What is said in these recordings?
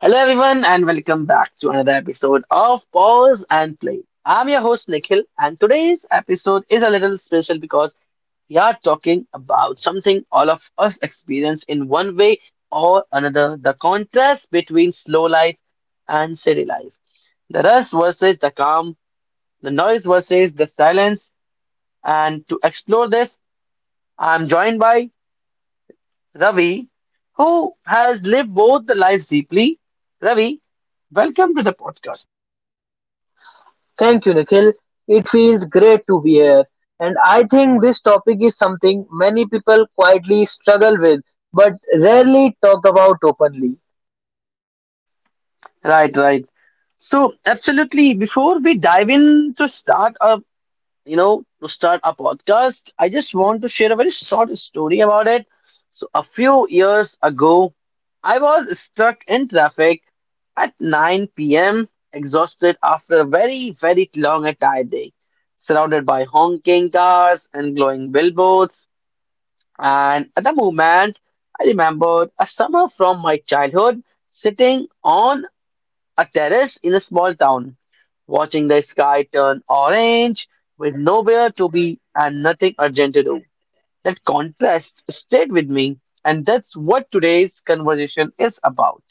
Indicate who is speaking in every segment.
Speaker 1: Hello, everyone, and welcome back to another episode of Pause and Play. I'm your host, Nikhil, and today's episode is a little special because we are talking about something all of us experience in one way or another, the contrast between slow life and city life, the rush versus the calm, the noise versus the silence. And to explore this, I'm joined by Ravi, who has lived both the lives deeply. Ravi, welcome to the podcast.
Speaker 2: Thank you, Nikhil. It feels great to be here. And I think this topic is something many people quietly struggle with but rarely talk about openly.
Speaker 1: Right, right. So, absolutely. Before we dive in to start up, to start our podcast, I just want to share a very short story about it. So, a few years ago, I was stuck in traffic at 9 p.m., exhausted after a very, very long and tired day, surrounded by honking cars and glowing billboards. And at the moment, I remembered a summer from my childhood sitting on a terrace in a small town, watching the sky turn orange with nowhere to be and nothing urgent to do. That contrast stayed with me, and that's what today's conversation is about.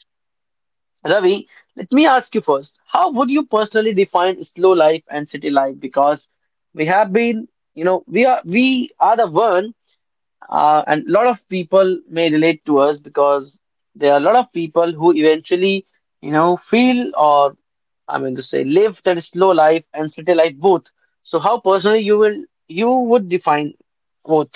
Speaker 1: Ravi, let me ask you first, how would you personally define slow life and city life? Because we have been, we are the one, and a lot of people may relate to us because there are a lot of people who eventually feel or, I mean to say, live that slow life and city life both. So how personally you would define both?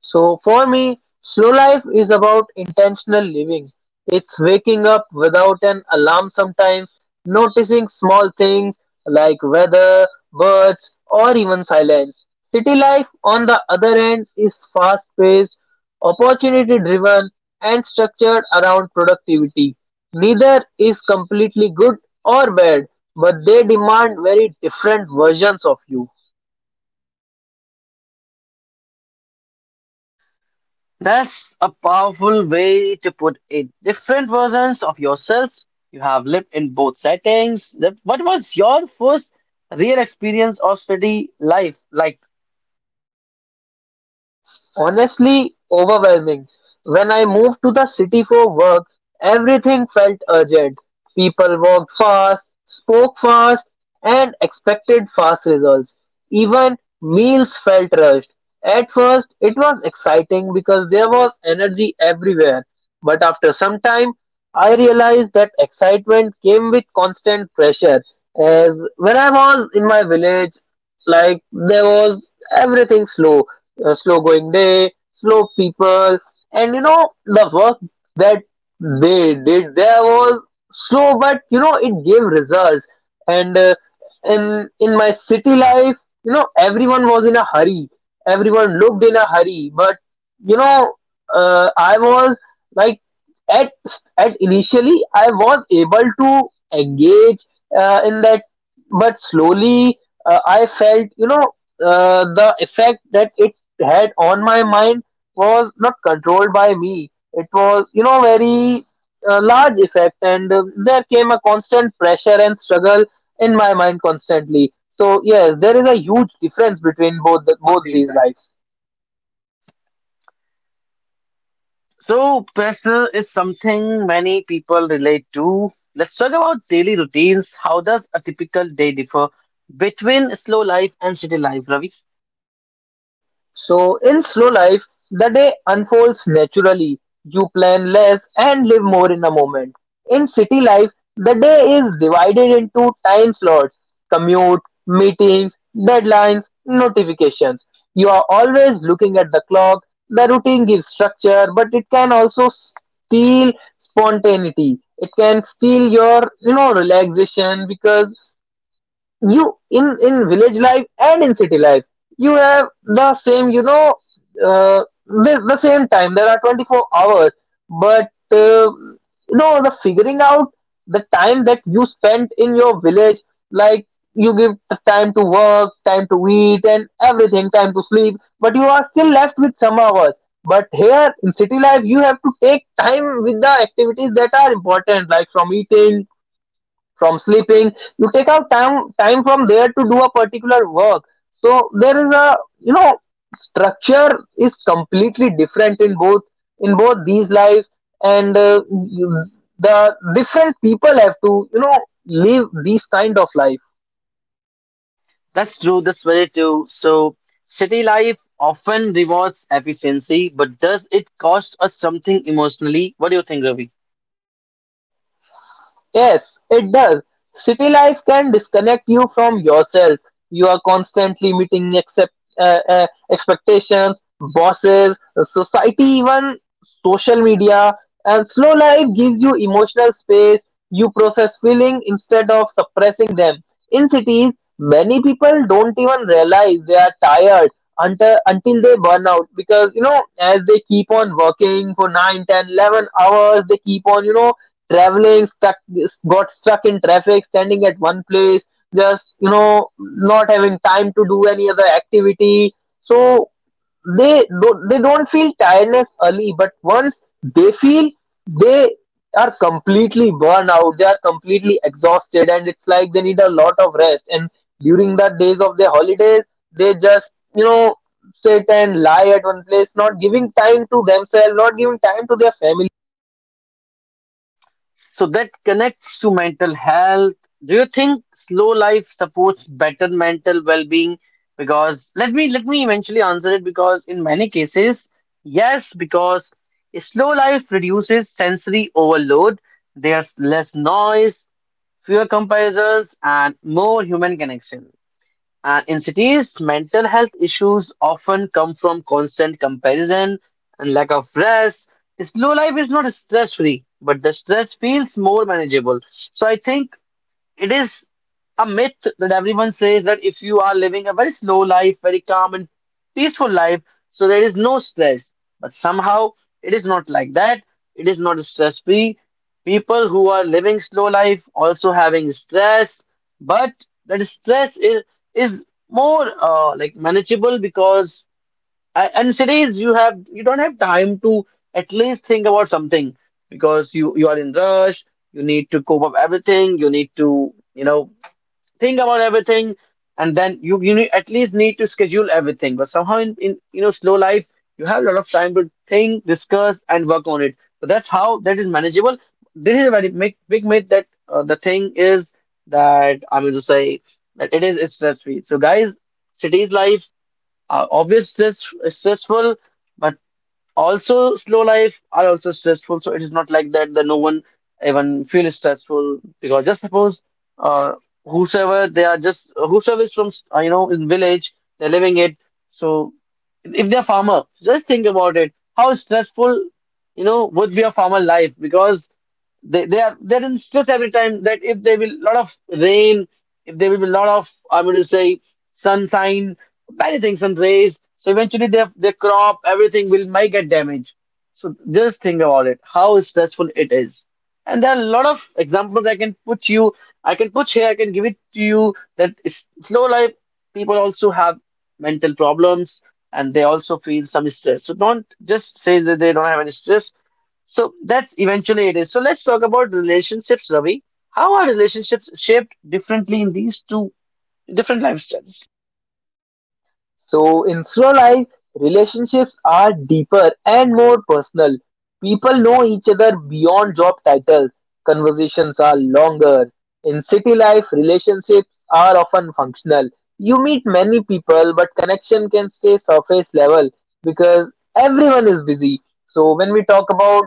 Speaker 2: So for me, slow life is about intentional living. It's waking up without an alarm sometimes, noticing small things like weather, birds, or even silence. City life, on the other hand, is fast paced, opportunity driven, and structured around productivity. Neither is completely good or bad, but they demand very different versions of you.
Speaker 1: That's a powerful way to put it. Different versions of yourselves. You have lived in both settings. What was your first real experience of city life like?
Speaker 2: Honestly, overwhelming. When I moved to the city for work, everything felt urgent. People walked fast, spoke fast, and expected fast results. Even meals felt rushed. At first, it was exciting because there was energy everywhere. But after some time, I realized that excitement came with constant pressure. As when I was in my village, like there was everything slow, a slow going day, slow people, and you know the work that they did there was slow, but you know it gave results. And in my city life, you know everyone was in a hurry, everyone looked in a hurry, but you know I was like at at initially I was able to engage in that, but slowly I felt you know the effect that it had on my mind was not controlled by me. It was, you know, very large effect, and there came a constant pressure and struggle in my mind constantly. So yes, there is a huge difference between
Speaker 1: Both
Speaker 2: both
Speaker 1: these
Speaker 2: these
Speaker 1: bands.
Speaker 2: lives.
Speaker 1: So pressure is something many people relate to. Let's talk about daily routines. How does a typical day differ between slow life and city life, Ravi?
Speaker 2: So, in slow life, the day unfolds naturally. You plan less and live more in a moment. In city life, the day is divided into time slots: commute, meetings, deadlines, notifications. You are always looking at the clock. The routine gives structure, but it can also steal spontaneity. It can steal your, you know, relaxation because you in village life and in city life you have the same, you know, uh, the same time, there are 24 hours, but you know, the figuring out the time that you spent in your village, like you give the time to work, time to eat and everything, time to sleep, but you are still left with some hours. But here in city life you have to take time with the activities that are important, like from eating, from sleeping, you take out time from there to do a particular work. So there is a, you know, structure is completely different in both, in both these lives, and the different people have to, you know, live these kind of life.
Speaker 1: That's true, that's very true. So, city life often rewards efficiency, but does it cost us something emotionally? What do you think, Ravi?
Speaker 2: Yes, it does. City life can disconnect you from yourself. You are constantly meeting expectations, bosses, society, even social media. And slow life gives you emotional space. You process feeling instead of suppressing them. In cities, many people don't even realize they are tired until they burn out, because you know, as they keep on working for 9, 10, 11 hours, they keep on, you know, traveling stuck, got stuck in traffic, standing at one place, just, you know, not having time to do any other activity. So they don't feel tiredness early, but once they feel, they are completely burned out, they are completely exhausted, and it's like they need a lot of rest. And during the days of their holidays they just, you know, sit and lie at one place, not giving time to themselves, not giving time to their family.
Speaker 1: So, that connects to mental health. Do you think slow life supports better mental well being? Because let me eventually answer it, because in many cases, yes, because slow life reduces sensory overload. There's less noise, fewer comparisons, and more human connection. And in cities, mental health issues often come from constant comparison and lack of rest. Slow life is not stress free, but the stress feels more manageable. So I think it is a myth that everyone says that if you are living a very slow life, very calm and peaceful life, so there is no stress. But somehow it is not like that. It is not stress free. People who are living slow life also having stress, but that stress is more, like, manageable. Because and cities, you don't have time to at least think about something, because you are in rush. You need to cope up everything. You need to you know think about everything, and then you need, at least need to schedule everything. But somehow in, slow life, you have a lot of time to think, discuss, and work on it. So that's how that is manageable. This is a very big, big myth that, the thing is, that I'm going to say that it is stress free. So guys, cities life, obvious stress, stressful, but also slow life are also stressful, so it is not like that, that no one even feel stressful. Because just suppose, uh, whosoever they are, just whosoever is from, in village, they're living it. So if they're farmer, just think about it, how stressful would be a farmer life. Because they're in stress every time, that if there will lot of rain, if there will be a lot of, I'm going to say, sunshine, many things, sun rays. So eventually their crop, everything will might get damaged. So just think about it, how stressful it is. And there are a lot of examples I can put you, I can put here, I can give it to you, slow life people also have mental problems and they also feel some stress. So don't just say that they don't have any stress, so that's eventually it is. So let's talk about relationships, Ravi. How are relationships shaped differently in these two different lifestyles?
Speaker 2: So in slow life, relationships are deeper and more personal. People know each other beyond job titles. Conversations are longer. In city life, relationships are often functional. You meet many people, but connection can stay surface level because everyone is busy. So when we talk about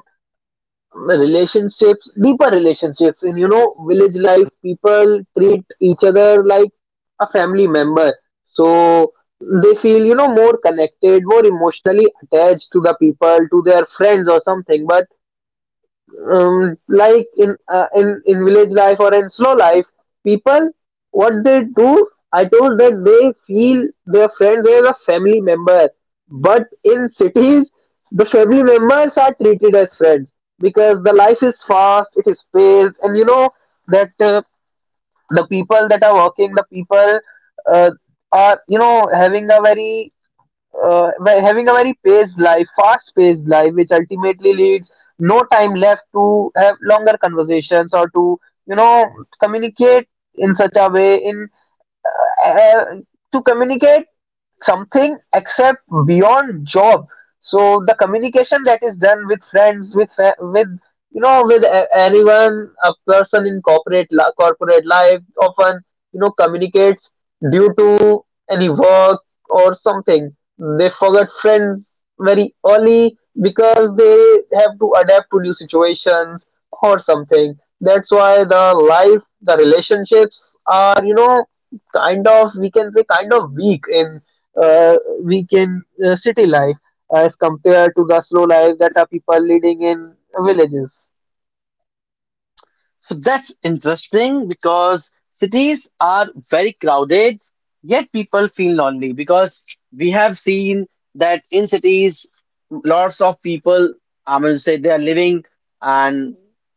Speaker 2: deeper relationships, in you know village life, people treat each other like a family member, so they feel, you know, more connected, more emotionally attached to the people, to their friends or something. But in village life or in slow life, people, what they do, I told that they feel their friends as a family member, but in cities the family members are treated as friends, because the life is fast, and you know that the people that are working, the people uh, are, you know, having a very by having a very paced life, fast paced life, which ultimately leads no time left to have longer conversations, or to, you know, communicate in such a way, in uh, to communicate something except beyond job. So the communication that is done with friends, with, you know, with anyone, a person in corporate life, often, you know, communicates due to any work or something, they forget friends very early because they have to adapt to new situations or something. That's why the life the relationships are, you know, kind of, we can say, kind of weak in uh, we can city life as compared to the slow life that are people leading in villages,
Speaker 1: So that's interesting, because cities are very crowded, yet people feel lonely. Because we have seen that in cities, lots of people, I'm going to say, they are living, and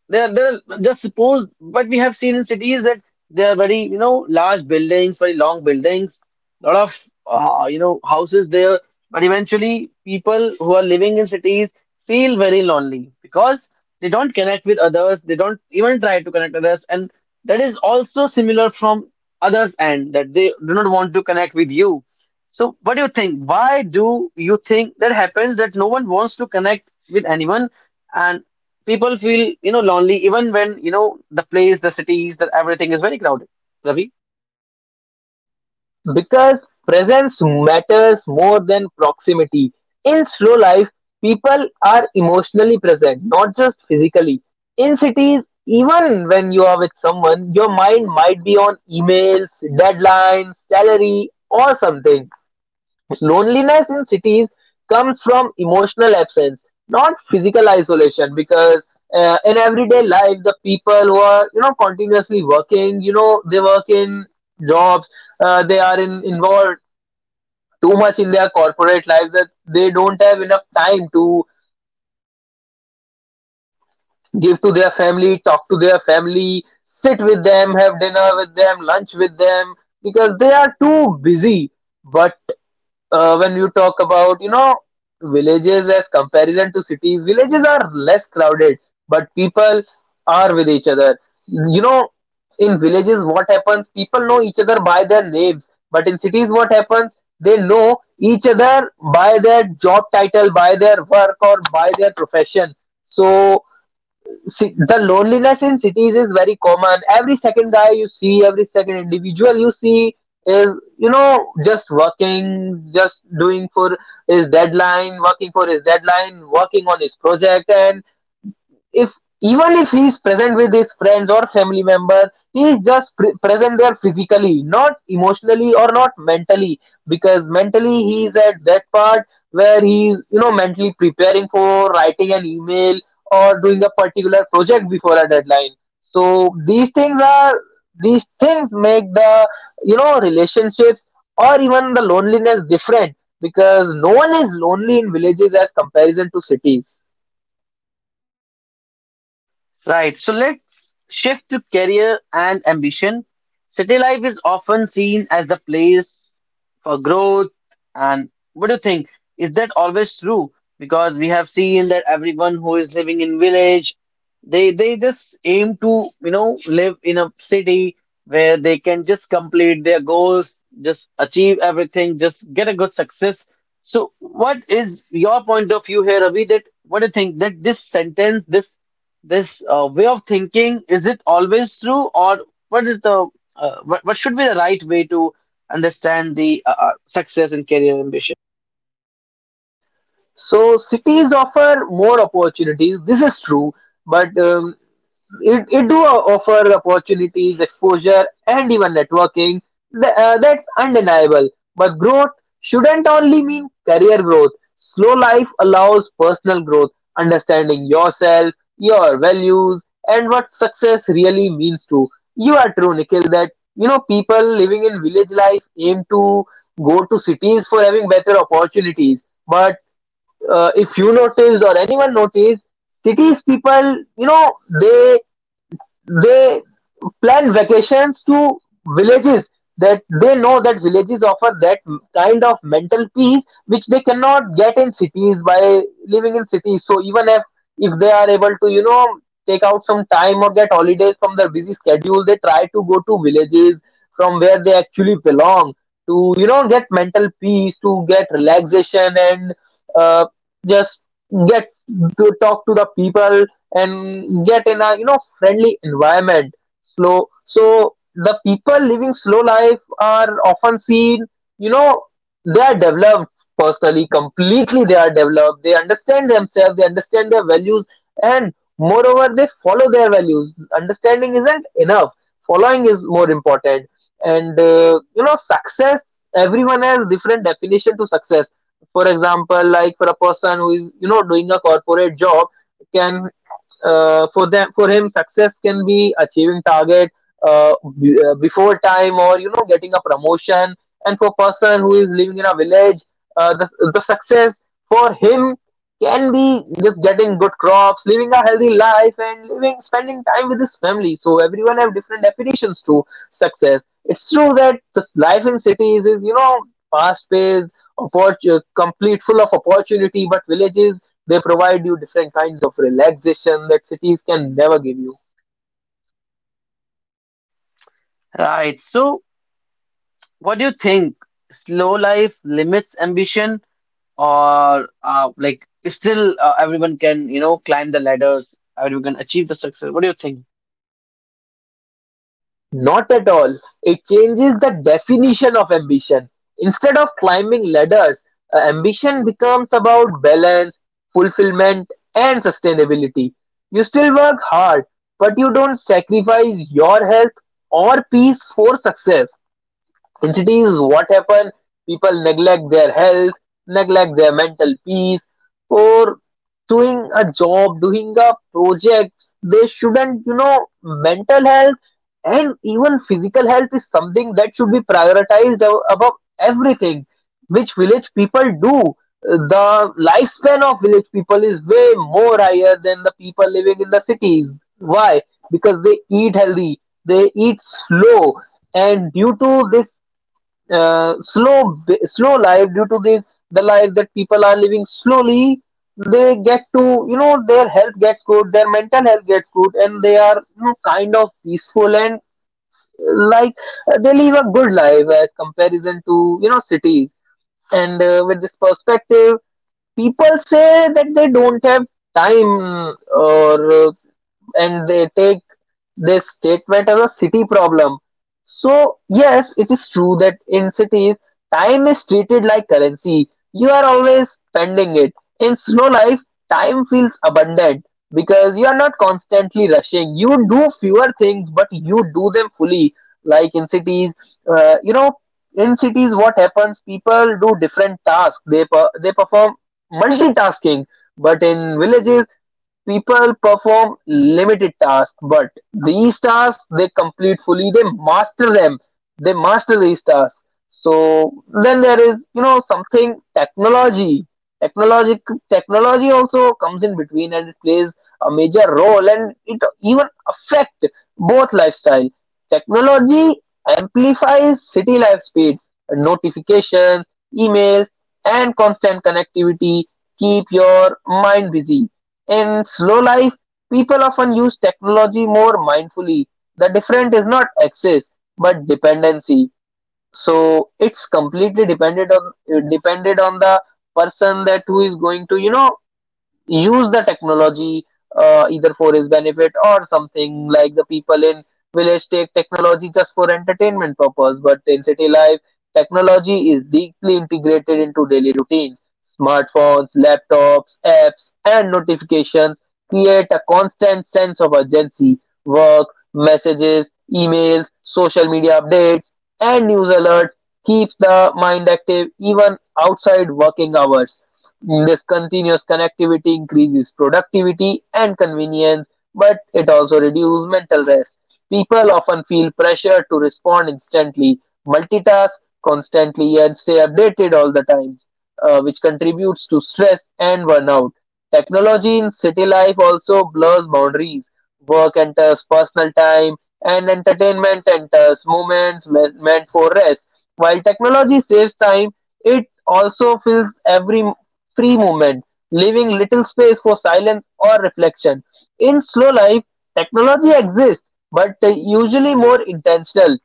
Speaker 1: they're just suppose, but we have seen in cities that they are very, you know, large buildings, very long buildings, lot of houses there. But eventually people who are living in cities feel very lonely, because they don't connect with others, they don't even try to connect with others, and that is also similar from others end, that they do not want to connect with you. So what do you think, why do you think that happens, that no one wants to connect with anyone, and people feel lonely even when the place, the cities, that everything is very crowded, Ravi?
Speaker 2: because presence matters more than proximity. In slow life, people are emotionally present, not just physically. In cities, even when you are with someone, your mind might be on emails, deadlines, salary or something. Loneliness in cities comes from emotional absence, not physical isolation, because in everyday life the people who are, you know, continuously working, you know, they work in jobs, they are involved too much in their corporate life, that they don't have enough time to give to their family, talk to their family, sit with them, have dinner with them, lunch with them, because they are too busy. But when you talk about, you know, villages as comparison to cities, villages are less crowded, but people are with each other, you know. In villages, what happens, people know each other by their names, but in cities what happens, they know each other by their job title, by their work, or by their profession. So see, the loneliness in cities is very common. Every second guy you see, every second individual you see is, you know, just working, just doing for his deadline, working for his deadline, working on his project. And if, even if he is present with his friends or family members, he is just present there physically, not emotionally or not mentally, because mentally he is at that part where he is, you know, mentally preparing for writing an email, or doing a particular project before a deadline. So these things are, these things make the, you know, relationships or even the loneliness different, because no one is lonely in villages as comparison to cities.
Speaker 1: Right. So let's shift to career and ambition. City life is often seen as the place for growth. And what do you think? Is that always true? Because we have seen that everyone who is living in village, they just aim to, you know, live in a city where they can just complete their goals, just achieve everything, just get a good success. So, what is your point of view here, Avi? That what do you think, that this sentence, this way of thinking, is it always true, or what is the what should be the right way to understand the, success and career ambition?
Speaker 2: So cities offer more opportunities. This is true, but it do offer opportunities, exposure, and even networking. That's undeniable. But growth shouldn't only mean career growth. Slow life allows personal growth, understanding yourself, your values, and what success really means to you. Are true, Nikhil, that you know people living in village life aim to go to cities for having better opportunities, but if you noticed, or anyone noticed, cities people, you know, they they plan vacations to villages, that they know that villages offer that kind of mental peace which they cannot get in cities by living in cities. So even if they are able to, you know, take out some time or get holidays from their busy schedule, they try to go to villages from where they actually belong, to you know, get mental peace, to get relaxation, and uh, just get to talk to the people, and get in a, you know, friendly environment. Slow So the people living slow life are often seen, you know, they are developed personally completely, they are developed, they understand themselves, they understand their values, and moreover they follow their values. Understanding isn't enough, following is more important. And you know, success, everyone has different definition to success. For example, like for a person who is, you know, doing a corporate job, can for them for him, success can be achieving target uh, before time, or you know, getting a promotion. And for person who is living in a village, uh, the, the success for him can be just getting good crops, living a healthy life, and living spending time with his family. So everyone have different definitions to success. It's true that the life in cities is, you know, fast paced, complete full of opportunity, but villages, they provide you different kinds of relaxation that cities can never give you.
Speaker 1: Right. So, what do you think? Slow life limits ambition, or, like still, everyone can climb the ladders, everyone can achieve the success. What do you think?
Speaker 2: Not at all. It changes the definition of ambition. Instead of climbing ladders, ambition becomes about balance, fulfillment, and sustainability. You still work hard, but you don't sacrifice your health or peace for success. In cities, what happen? People neglect their health, neglect their mental peace for doing a job, doing a project. They shouldn't. Mental health and even physical health is something that should be prioritized above everything, which village people do. The lifespan of village people is way more higher than the people living in the cities. Why? Because they eat healthy, they eat slow, and due to this slow life, due to this the life that people are living slowly, they get to, their health gets good, their mental health gets good, and they are, kind of peaceful, and uh, like they live a good life as comparison to, cities. And with this perspective, people say that they don't have time, or and they take this statement as a city problem. So, yes, it is true that in cities, time is treated like currency. You are always spending it. In slow life, time feels abundant because you are not constantly rushing. You do fewer things, but you do them fully. Like in cities, uh, you know, in cities, what happens? People do different tasks. They perform multitasking. But in villages, people perform limited tasks, but these tasks they complete fully, they master them, they master these tasks. So then there is, you know, something technology. Technology technology also comes in between and it plays a major role and it even affect both lifestyle. Technology amplifies city life speed, notifications, emails, and constant connectivity keep your mind busy. In slow life, people often use technology more mindfully. The difference is not excess, but dependency. So it's completely dependent on, depended on the person that who is going to, you know, use the technology, either for his benefit or something. Like the people in village take technology just for entertainment purpose, but in city life technology is deeply integrated into daily routine. Smartphones, laptops, apps, and notifications create a constant sense of urgency. Work, messages, emails, social media updates, and news alerts keep the mind active even outside working hours. This continuous connectivity increases productivity and convenience, but it also reduces mental rest. People often feel pressure to respond instantly, multitask constantly, and stay updated all the time, which contributes to stress and burnout. Technology in city life also blurs boundaries. Work enters personal time, and entertainment enters moments meant for rest. While technology saves time, it also fills every free movement, leaving little space for silence or reflection. In slow life, technology exists, but usually more intentional.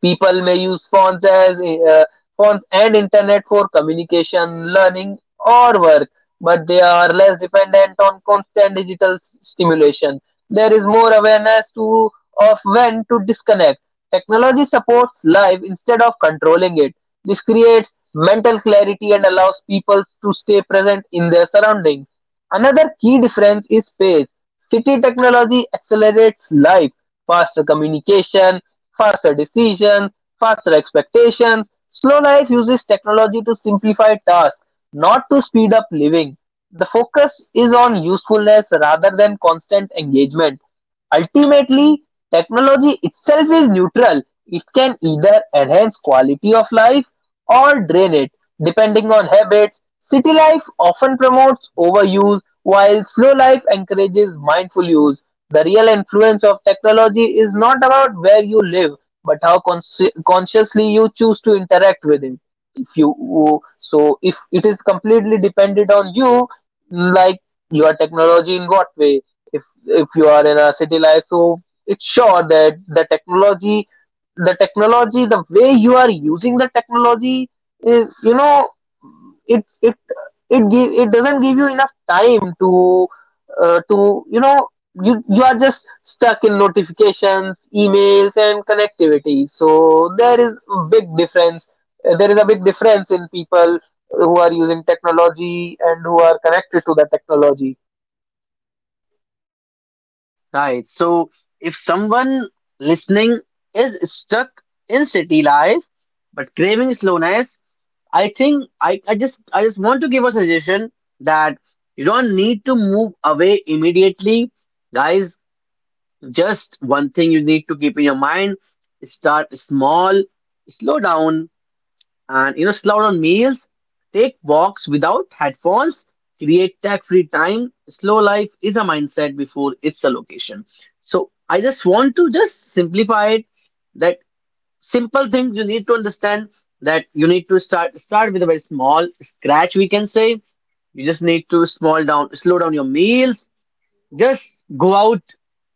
Speaker 2: People may use phones as uh, phones and internet for communication, learning, or work, but they are less dependent on constant digital stimulation. There is more awareness to, of when to disconnect. Technology supports life instead of controlling it. This creates mental clarity and allows people to stay present in their surroundings. Another key difference is space. City technology accelerates life. Faster communication, faster decisions, faster expectations. Slow life uses technology to simplify tasks, not to speed up living. The focus is on usefulness rather than constant engagement. Ultimately, technology itself is neutral; it can either enhance quality of life or drain it, depending on habits. City life often promotes overuse, while slow life encourages mindful use. The real influence of technology is not about where you live, but how consciously you choose to interact with it. If you so, if it is completely dependent on you, like your technology in what way? If you are in a city life, so it's sure that the technology, the way you are using the technology is, you know, it's it it doesn't give you enough time to, to, you know, you are just stuck in notifications, emails, and connectivity, so there is a big difference. There is a big difference in people who are using technology and who are connected to the technology.
Speaker 1: Right. So, if someone listening is stuck in city life but craving slowness, I think, I just want to give a suggestion, that you don't need to move away immediately. Guys, just one thing you need to keep in your mind, start small, slow down, and, slow down meals, take walks without headphones, create tax-free time. Slow life is a mindset before it's a location. So I just want to just simplify it, that simple things you need to understand, that you need to start with a very small scratch, we can say. You just need to small down slow down your meals, just go out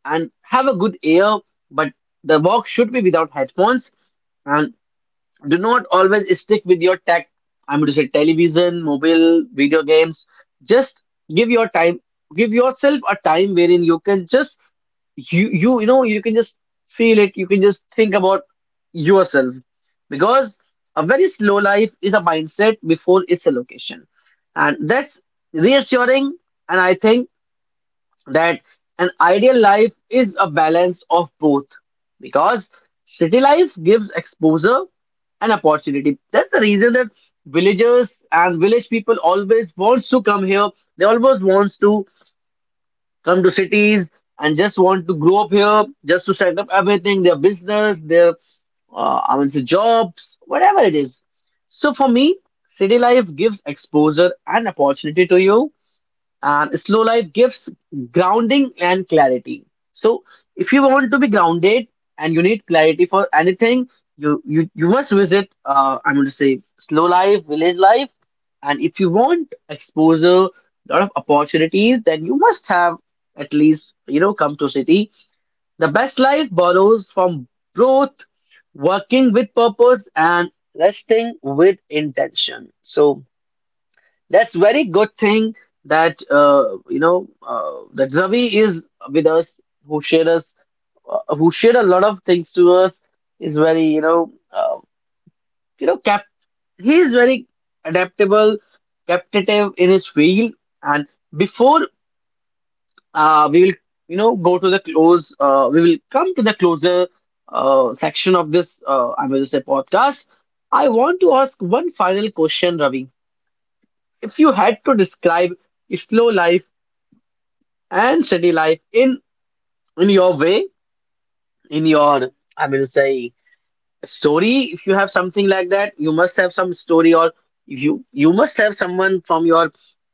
Speaker 1: and have a good air, but the walk should be without headphones, and do not always stick with your tech, I'm going to say television, mobile, video games. Just give your time, give yourself a time wherein you can just, you can just feel it, you can just think about yourself. Because a very slow life is a mindset before its a location, and that's reassuring. And I think that an ideal life is a balance of both, because city life gives exposure and opportunity. That's the reason that villagers and village people always wants to come here, they always wants to come to cities and just want to grow up here, just to set up everything, their business, their, I mean say, jobs, whatever it is. So for me, city life gives exposure and opportunity to you, and slow life gives grounding and clarity. So if you want to be grounded and you need clarity for anything, you must visit, I'm going to say, slow life, village life. And if you want exposure, lot of opportunities, then you must have, at least, come to city. The best life borrows from both, working with purpose and resting with intention. So that's very good thing that, that Ravi is with us, who shared a lot of things to us. Is very, cap. He is very adaptable, captative in his field. And before, we will, go to the close, we will come to the closer, section of this. I will say podcast. I want to ask one final question, Ravi. If you had to describe slow life and city life in, your way, in your, I will say, story. If you have something like that, you must have some story. Or if you must have someone from your,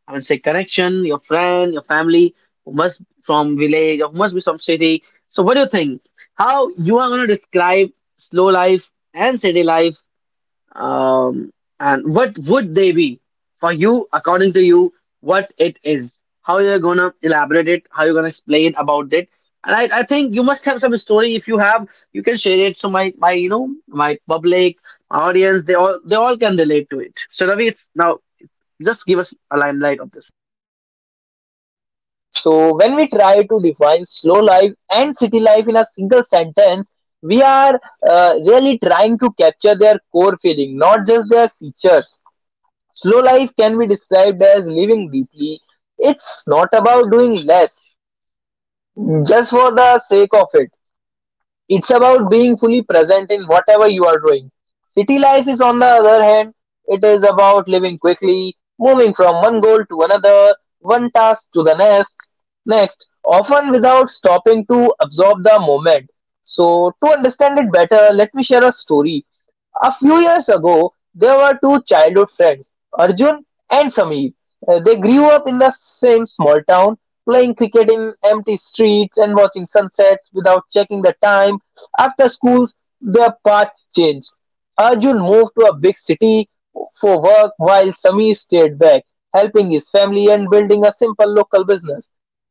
Speaker 1: I will say, connection, your friend, your family, who must from village or must be from city. So what do you think, how you are going to describe slow life and city life, um, and what would they be for you? According to you, what it is, how you're gonna elaborate it, how you're gonna explain about it? And I think you must have some story. If you have, you can share it, so my you know my public audience, they all can relate to it. So Ravi, it's now, just give us a limelight of this.
Speaker 2: So when we try to define slow life and city life in a single sentence, we are really trying to capture their core feeling, not just their features. Slow life can be described as living deeply. It's not about doing less just for the sake of it, it's about being fully present in whatever you are doing. City life is, on the other hand, it is about living quickly, moving from one goal to another, one task to the next, next, often without stopping to absorb the moment. So to understand it better, let me share a story. A few years ago, there were two childhood friends, Arjun and Sameer. They grew up in the same small town, playing cricket in empty streets and watching sunsets without checking the time. After school, their paths changed. Arjun moved to a big city for work, while Sameer stayed back, helping his family and building a simple local business.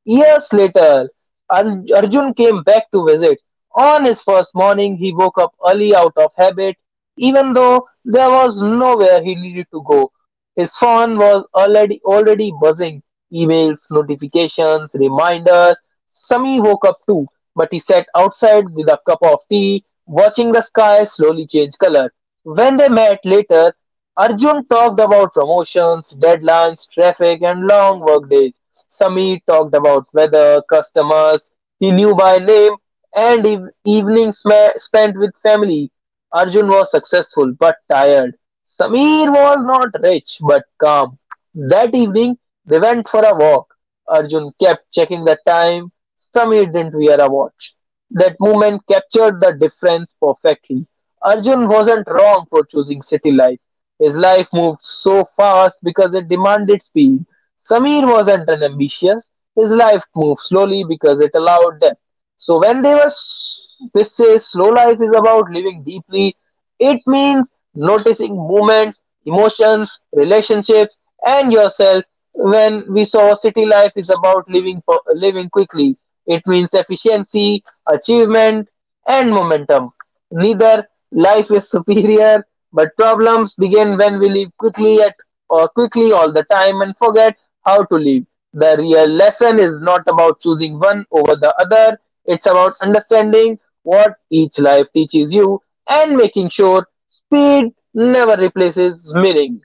Speaker 2: Years later, Arjun came back to visit. On his first morning, he woke up early out of habit, even though there was nowhere he needed to go, his phone was already buzzing. Emails, notifications, reminders. Sami woke up too, but he sat outside with a cup of tea, watching the sky slowly change color. When they met later, Arjun talked about promotions, deadlines, traffic, and long work days. Sami talked about weather, customers he knew by name, and evenings spent with family. Arjun was successful but tired. Sameer was not rich but calm. That evening, they went for a walk. Arjun kept checking the time. Sameer didn't wear a watch. That movement captured the difference perfectly. Arjun wasn't wrong for choosing city life. His life moved so fast because it demanded speed. Samir wasn't unambitious. His life moved slowly because it allowed depth. So when they were s- they say slow life is about living deeply, it means noticing movements, emotions, relationships, and yourself. When we saw city life is about living living quickly, it means efficiency, achievement, and momentum. Neither life is superior, but problems begin when we live quickly at, or quickly all the time, and forget how to live. The real lesson is not about choosing one over the other, it's about understanding what each life teaches you and making sure speed never replaces meaning.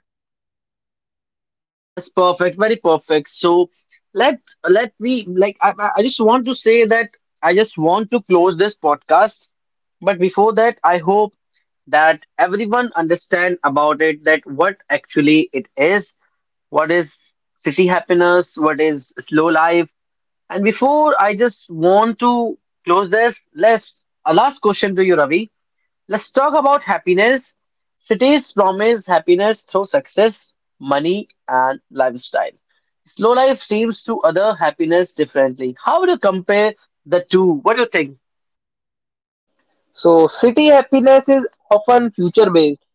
Speaker 1: That's perfect, very perfect. So let let me, like, I just want to say that I just want to close this podcast. But before that, I hope that everyone understand about it, that what actually it is, what is city happiness, what is slow life. And before I just want to close this, let's a last question to you, Ravi. Let's talk about happiness. Cities promise happiness through success, money, and lifestyle. Slow life seems to other happiness differently. How would you compare the two? What do you think?
Speaker 2: So city happiness is often future based.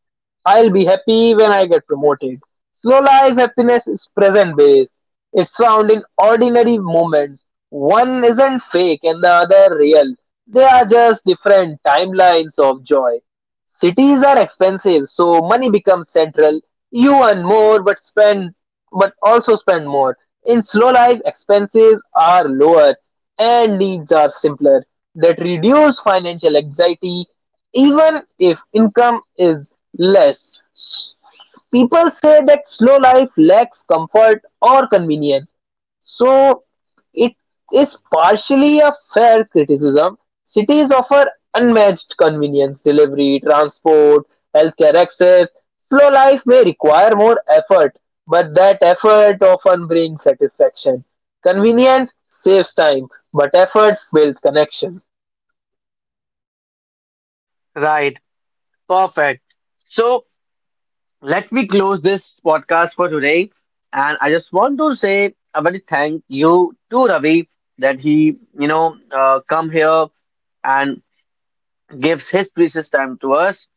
Speaker 2: I'll be happy when I get promoted. Slow life happiness is present based. It's found in ordinary moments. One isn't fake and the other real. They are just different timelines of joy. Cities are expensive, so money becomes central. You earn more, but spend, but also spend more. In slow life, expenses are lower and needs are simpler. That reduce financial anxiety, even if income is less. People say that slow life lacks comfort or convenience. So it is partially a fair criticism. Cities offer unmatched convenience, delivery, transport, healthcare access. Slow life may require more effort, but that effort often brings satisfaction. Convenience saves time, but effort builds connection.
Speaker 1: Right, perfect. So let me close this podcast for today. And I just want to say a very thank you to Ravi, that he, come here and gives his precious time to us.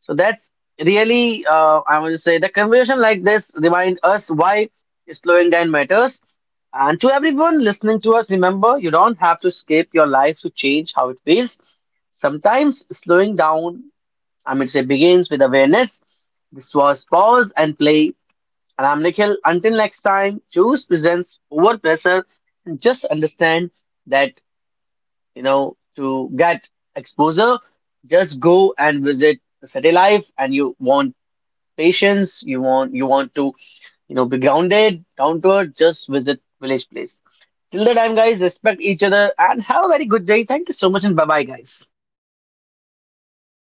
Speaker 1: So that's really, I want to say, the conversation like this remind us why slowing down matters. And to everyone listening to us, remember, you don't have to escape your life to change how it feels. Sometimes slowing down, I mean, say, begins with awareness. This was Pause and Play. And I'm Nikhil. Until next time, choose presents over pressure, and just understand that, to get exposure, just go and visit the city life. And you won't patience, you want to, be grounded, down to earth, just visit Village Place. Till the time, guys, respect each other and have a very good day. Thank you so much and bye bye, guys.